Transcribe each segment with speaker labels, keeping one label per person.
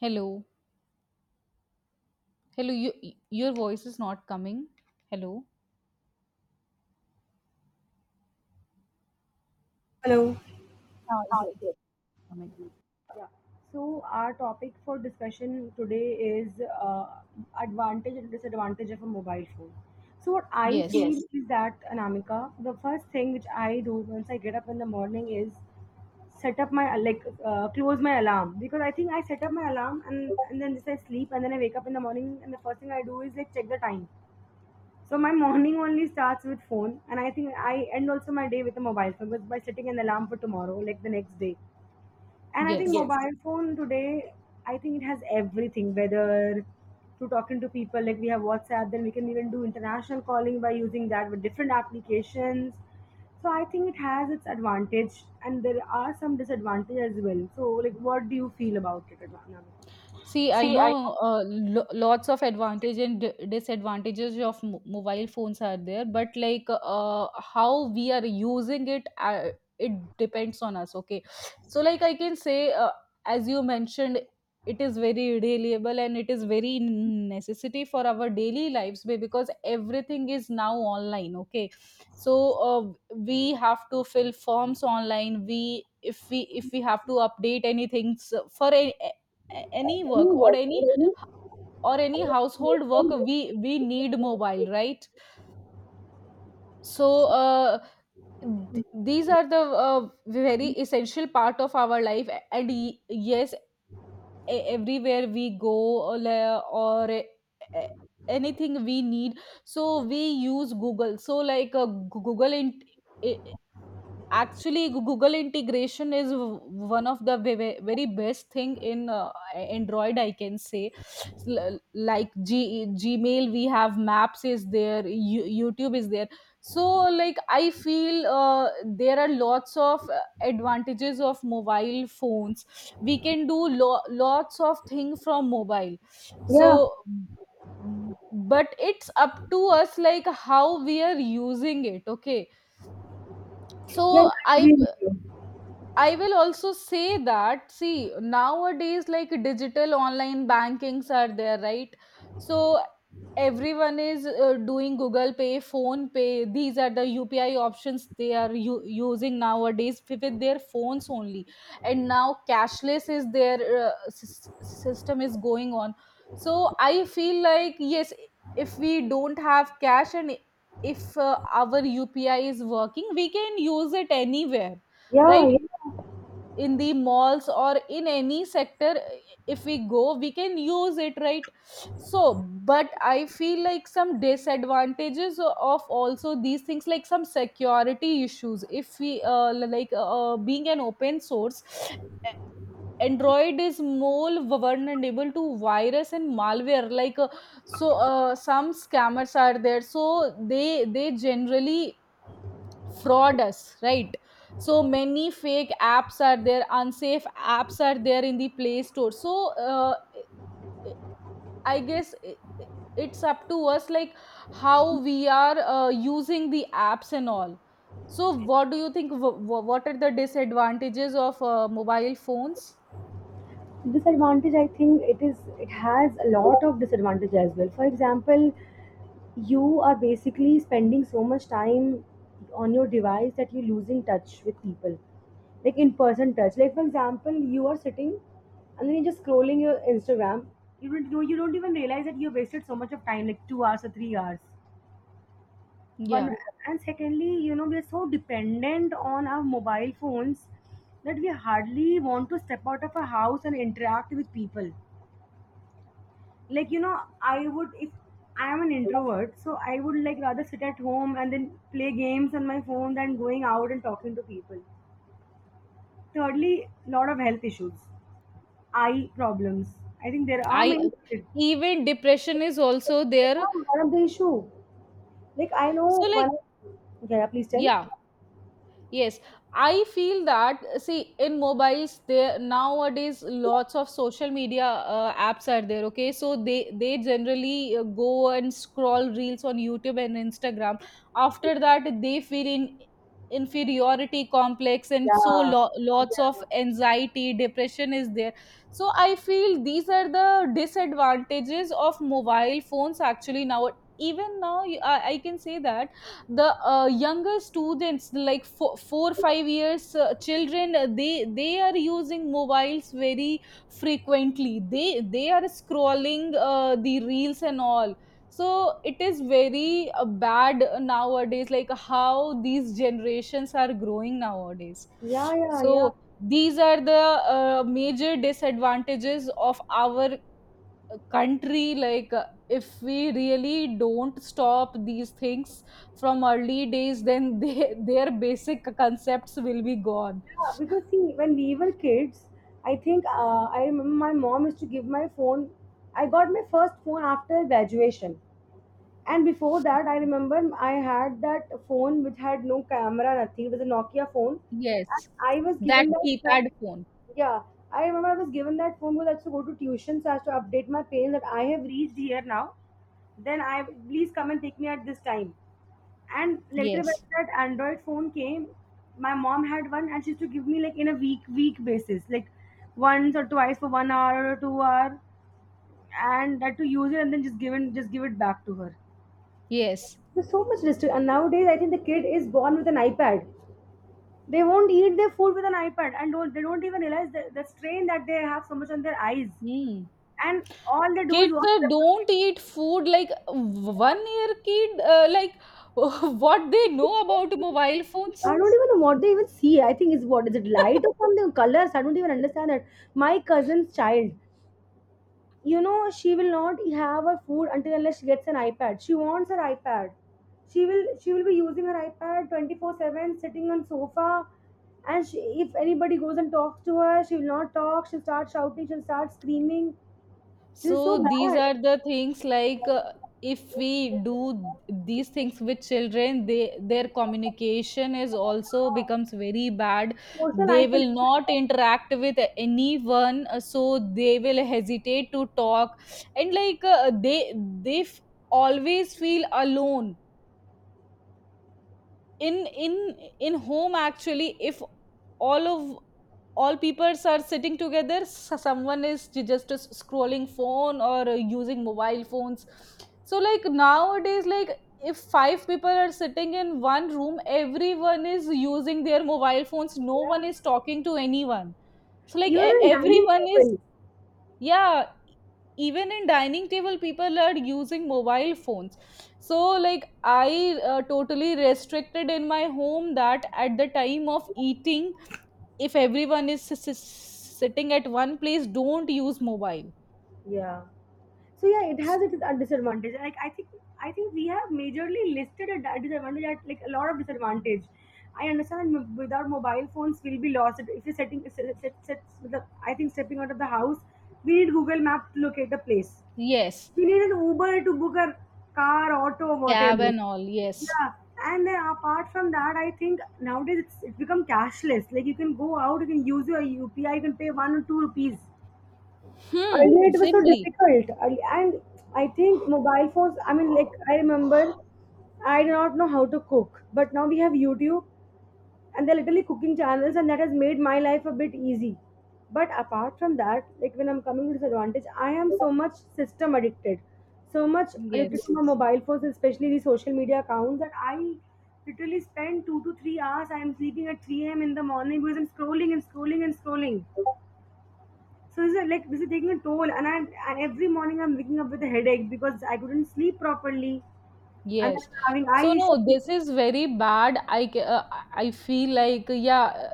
Speaker 1: Hello. Hello, you, your voice is not coming. Hello.
Speaker 2: Hello.
Speaker 1: Ah,
Speaker 2: Ah,
Speaker 1: yes,
Speaker 2: it is.
Speaker 1: coming.
Speaker 2: Yeah. So our topic for discussion today is uh, advantage and disadvantage of a mobile phone. So what I
Speaker 1: Yes,
Speaker 2: feel, Yes. is that Anamika, the first thing which I do once I get up in the morning is set up my like close my alarm, because I think I set up my alarm and then just I sleep and then I wake up in the morning, and the first thing I do is like check the time. So my morning only starts with phone, and I think I end also my day with a mobile phone, because by setting an alarm for tomorrow, like the next day. And I think,
Speaker 1: yes.
Speaker 2: Yes. mobile phone today, I think it has everything, whether to talking to people, like we have WhatsApp, then we can even do international calling by using that with different applications. So I think it has its advantage, and there are some disadvantages as well. So like, what do you feel about it, Anamika?
Speaker 1: See, I
Speaker 2: See, I
Speaker 1: know lo lots of advantages and d disadvantages of mo mobile phones are there, but like uh, how we are using it, it depends on us. Okay, so like I can say, as you mentioned, it is very reliable and it is very necessity for our daily lives because everything is now online. Okay, so uh, we have to fill forms online. We If we have to update anything for any work or any household work we need mobile, right? So these are the very essential part of our life, yes, everywhere we go or, la- or e- e- anything we need, so we use Google. So like actually Google integration is one of the very best thing in Android, I can say. Like Gmail we have, Maps is there, YouTube is there. So like I feel there are lots of advantages of mobile phones. We can do lots of things from mobile,
Speaker 2: Yeah,
Speaker 1: so b- but it's up to us like how we are using it, okay?
Speaker 2: yeah, I
Speaker 1: So i
Speaker 2: agree with you.
Speaker 1: I will also say that, see, nowadays, like digital online bankings are there, right? So everyone is doing Google Pay, Phone Pay. These are the UPI options they are using nowadays with their phones only. And now cashless is their system is going on. So I feel like, yes, if we don't have cash and if our UPI is working, we can use it anywhere,
Speaker 2: Yeah,
Speaker 1: right?
Speaker 2: yeah.
Speaker 1: In the malls or in any sector, if we go, we can use it, right? So but I feel like some disadvantages of also these things, like some security issues. If we being an open source, Android is more vulnerable to virus and malware, like so some scammers are there, so they generally fraud us, right? So many fake apps are there, unsafe apps are there in the Play Store, so I guess it's up to us like how we are using the apps and all. So what do you think what are the disadvantages of mobile phones?
Speaker 2: Disadvantage, I think it has a lot of disadvantage as well. For example, you are basically spending so much time on your device that you're losing touch with people, like in person touch. Like for example, you are sitting and then you're just scrolling your Instagram. You don't even realize that you've wasted so much of time, like 2 hours or 3 hours. One.
Speaker 1: Yeah.
Speaker 2: And secondly, we're so dependent on our mobile phones that we hardly want to step out of our house and interact with people. Like, I would, if I am an introvert, so I would like rather sit at home and then play games on my phone than going out and talking to people. Thirdly, lot of health issues, eye problems, I think there are
Speaker 1: I
Speaker 2: many.
Speaker 1: even depression is also there.
Speaker 2: Yeah, one of the issue. Like I know.
Speaker 1: So
Speaker 2: One.
Speaker 1: like
Speaker 2: Yeah, please tell.
Speaker 1: yeah. Yes, I feel that, see, in mobiles, there nowadays lots of social media apps are there. Okay, so they generally go and scroll reels on YouTube and Instagram. After that, they feel in inferiority complex, and so
Speaker 2: Yeah, yeah.
Speaker 1: lots of
Speaker 2: Yeah,
Speaker 1: anxiety, depression is there. So I feel these are the disadvantages of mobile phones actually now. Even now, I can say that the younger students like four, four five years children they are using mobiles very frequently. They they are scrolling the reels and all, so it is very bad nowadays, like how these generations are growing nowadays.
Speaker 2: yeah, yeah. Yeah.
Speaker 1: So these are the major disadvantages of our country, like if we really don't stop these things from early days, then they, their basic concepts will be gone.
Speaker 2: Because see, when we were kids, I think I remember my mom used to give my phone. I got my first phone after graduation. And before that, I remember I had that phone which had no camera, nothing. It was a Nokia phone. And
Speaker 1: Yes.
Speaker 2: I was
Speaker 1: That
Speaker 2: given that phone.
Speaker 1: keypad phone.
Speaker 2: Yeah, I remember I was given that phone because I had to go to tuition, so I had to update my parents that I have reached here now. Then I please come and pick me at this time. And later when
Speaker 1: Yes.
Speaker 2: that Android phone came, my mom had one and she used to give me, like, in a week basis, like once or twice for 1 hour or 2 hour, and that to use it and then just give it back to her.
Speaker 1: Yes.
Speaker 2: There's so much restriction. And nowadays, I think the kid is born with an iPad. They won't eat their food with an iPad, and don't they don't even realize the strain that they have so much on their eyes.
Speaker 1: Hmm.
Speaker 2: And all they do is
Speaker 1: Kids
Speaker 2: watch.
Speaker 1: don't eat food like 1 year kid, like what they know about mobile phones?
Speaker 2: I don't even know what they even see. I think is, what is it, light or something, colors? I don't even understand that. My cousin's child. She will not have her food until unless she gets an iPad. She wants her iPad. She will be using her iPad 24/7, sitting on sofa. And if anybody goes and talks to her, she will not talk, she'll start shouting, she'll start screaming. This is
Speaker 1: So
Speaker 2: so
Speaker 1: these
Speaker 2: bad.
Speaker 1: are the things, like if we do these things with children, they their communication is also becomes very bad.
Speaker 2: Social
Speaker 1: They will
Speaker 2: isolation.
Speaker 1: not interact with anyone, so they will hesitate to talk, and like they always feel alone in in home. Actually, if all of all peoples are sitting together, someone is just scrolling phone or using mobile phones. So like nowadays, like if five people are sitting in one room, everyone is using their mobile phones, no
Speaker 2: Yeah.
Speaker 1: one is talking to anyone. So like
Speaker 2: Even on dining
Speaker 1: everyone is,
Speaker 2: table.
Speaker 1: yeah, even in dining table people are using mobile phones. So like I totally restricted in my home that at the time of eating, if everyone is sitting at one place, don't use mobile.
Speaker 2: Yeah. So yeah, it
Speaker 1: S-.
Speaker 2: has its a disadvantage. Like I think we have majorly listed a disadvantage at like a lot of disadvantage. I understand without mobile phones we'll be lost. If you're setting, I think stepping out of the house, we need Google Map to locate the place.
Speaker 1: Yes.
Speaker 2: We need an Uber to book a car, auto,
Speaker 1: Cab
Speaker 2: whatever.
Speaker 1: and all, yes.
Speaker 2: Yeah, and then apart from that, I think nowadays it's become cashless. Like you can go out, you can use your UPI, you can pay 1 or 2 rupees.
Speaker 1: Hmm,
Speaker 2: Earlier it was so
Speaker 1: simply.
Speaker 2: difficult, and I think mobile phones, I mean, like I remember I did not know how to cook, but now we have YouTube, and they're literally cooking channels, and that has made my life a bit easy. But apart from that, like when I'm coming to disadvantage, I am so much system addicted, so much addicted
Speaker 1: Yes.
Speaker 2: to my mobile phones, especially the social media accounts, that I literally spend 2 to 3 hours. I am sleeping at 3 a.m. in the morning because I'm scrolling and scrolling and scrolling. So is it, like, this is taking a toll, and every morning I'm waking up with a headache because I couldn't sleep properly, and then
Speaker 1: Yes.
Speaker 2: I'm having eye
Speaker 1: So no,
Speaker 2: issues.
Speaker 1: this is very bad. I feel like, yeah,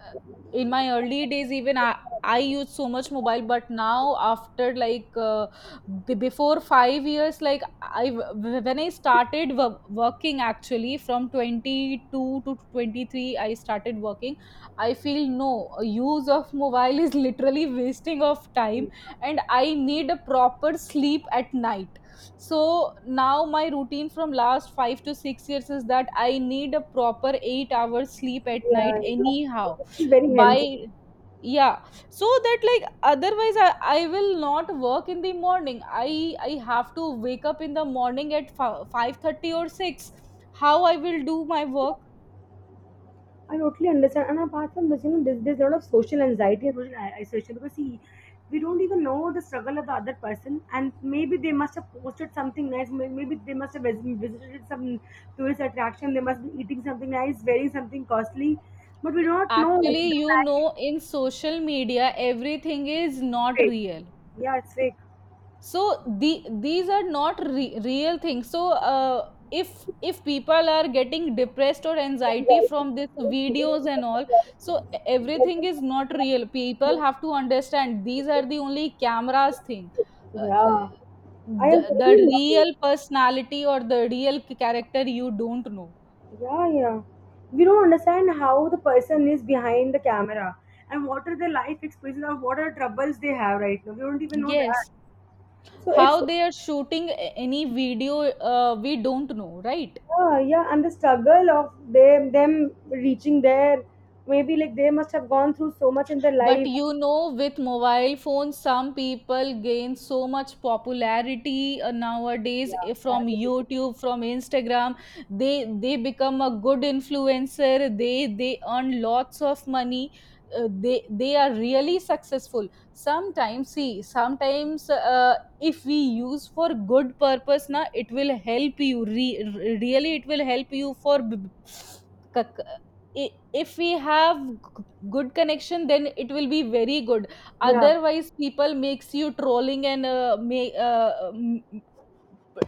Speaker 1: in my early days even I used so much mobile, but now after like before 5 years, like when I started working actually from 22 to 23, I started working. I feel no use of mobile is literally wasting of time, and I need a proper sleep at night. So now my routine from last 5 to 6 years is that I need a proper 8 hours sleep at night
Speaker 2: Yeah, yeah.
Speaker 1: anyhow.
Speaker 2: This is very
Speaker 1: By,
Speaker 2: healthy.
Speaker 1: yeah, so that like otherwise I will not work in the morning. I I have to wake up in the morning at 5:30 or 6. How I will do my work?
Speaker 2: I totally understand. And apart from this, there's a lot of social anxiety and social isolation, because see, we don't even know the struggle of the other person, and maybe they must have posted something nice. Maybe they must have visited some tourist attraction. They must be eating something nice, wearing something costly, but we do not know
Speaker 1: Actually,
Speaker 2: the
Speaker 1: you
Speaker 2: life.
Speaker 1: know, in social media, everything is
Speaker 2: Is
Speaker 1: not
Speaker 2: fake.
Speaker 1: real.
Speaker 2: Yeah, it's fake.
Speaker 1: So the these are not real things. So if people are getting depressed or anxiety from these videos and all, so everything is not real. People have to understand these are the only cameras thing. uh,
Speaker 2: Yeah, I agree
Speaker 1: the
Speaker 2: with you.
Speaker 1: real personality or the real character you don't know.
Speaker 2: Yeah, yeah. We don't understand how the person is behind the camera, and what are their life experiences, or what are troubles they have right now. We don't even know that.
Speaker 1: Yes.
Speaker 2: So
Speaker 1: How
Speaker 2: it's,
Speaker 1: they are shooting any video, we don't know, right?
Speaker 2: yeah, yeah, and the struggle of them reaching there. Maybe like they must have gone through so much in their
Speaker 1: But
Speaker 2: life.
Speaker 1: you know, with mobile phones, some people gain so much popularity nowadays
Speaker 2: Yeah, that
Speaker 1: from
Speaker 2: is it.
Speaker 1: YouTube, from Instagram. They become a good influencer. They earn lots of money. They they are really successful. Sometimes, see, sometimes if we use for good purpose, na, it will help you. Really, it will help you for. If we have good connection, then it will be very good.
Speaker 2: Yeah,
Speaker 1: Otherwise people makes you trolling and may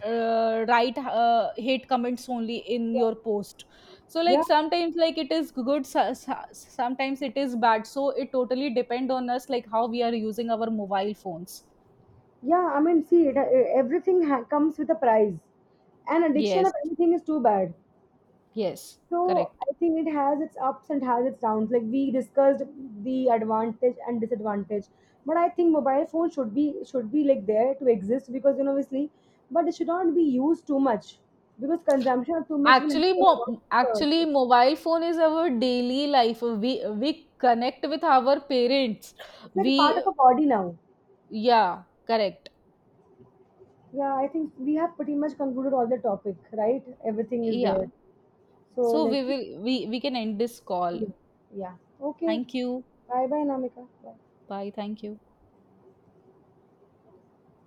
Speaker 1: write hate comments only in your post. So
Speaker 2: yeah.
Speaker 1: like sometimes like it is good, sometimes it is bad, so it totally depend on us like how we are using our mobile phones.
Speaker 2: Yeah, I mean, see, everything comes with a price, and addiction of
Speaker 1: Yes.
Speaker 2: anything is too bad.
Speaker 1: Yes.
Speaker 2: So
Speaker 1: Correct.
Speaker 2: I think it has its ups and has its downs. Like we discussed the advantage and disadvantage, but I think mobile phone should be like there to exist because, obviously, but it should not be used too much because consumption of too much will. uh,
Speaker 1: Actually mobile phone is our daily life, we connect with our parents,
Speaker 2: It's like a
Speaker 1: we.
Speaker 2: part of our body now.
Speaker 1: Yeah, correct.
Speaker 2: Yeah, I think we have pretty much concluded all the topic, right? Everything is
Speaker 1: Yeah.
Speaker 2: there. So
Speaker 1: So
Speaker 2: like.
Speaker 1: we will we can end this call.
Speaker 2: Yeah. Yeah. Okay.
Speaker 1: Thank you.
Speaker 2: Bye bye, Namika. Bye.
Speaker 1: Bye. Thank you.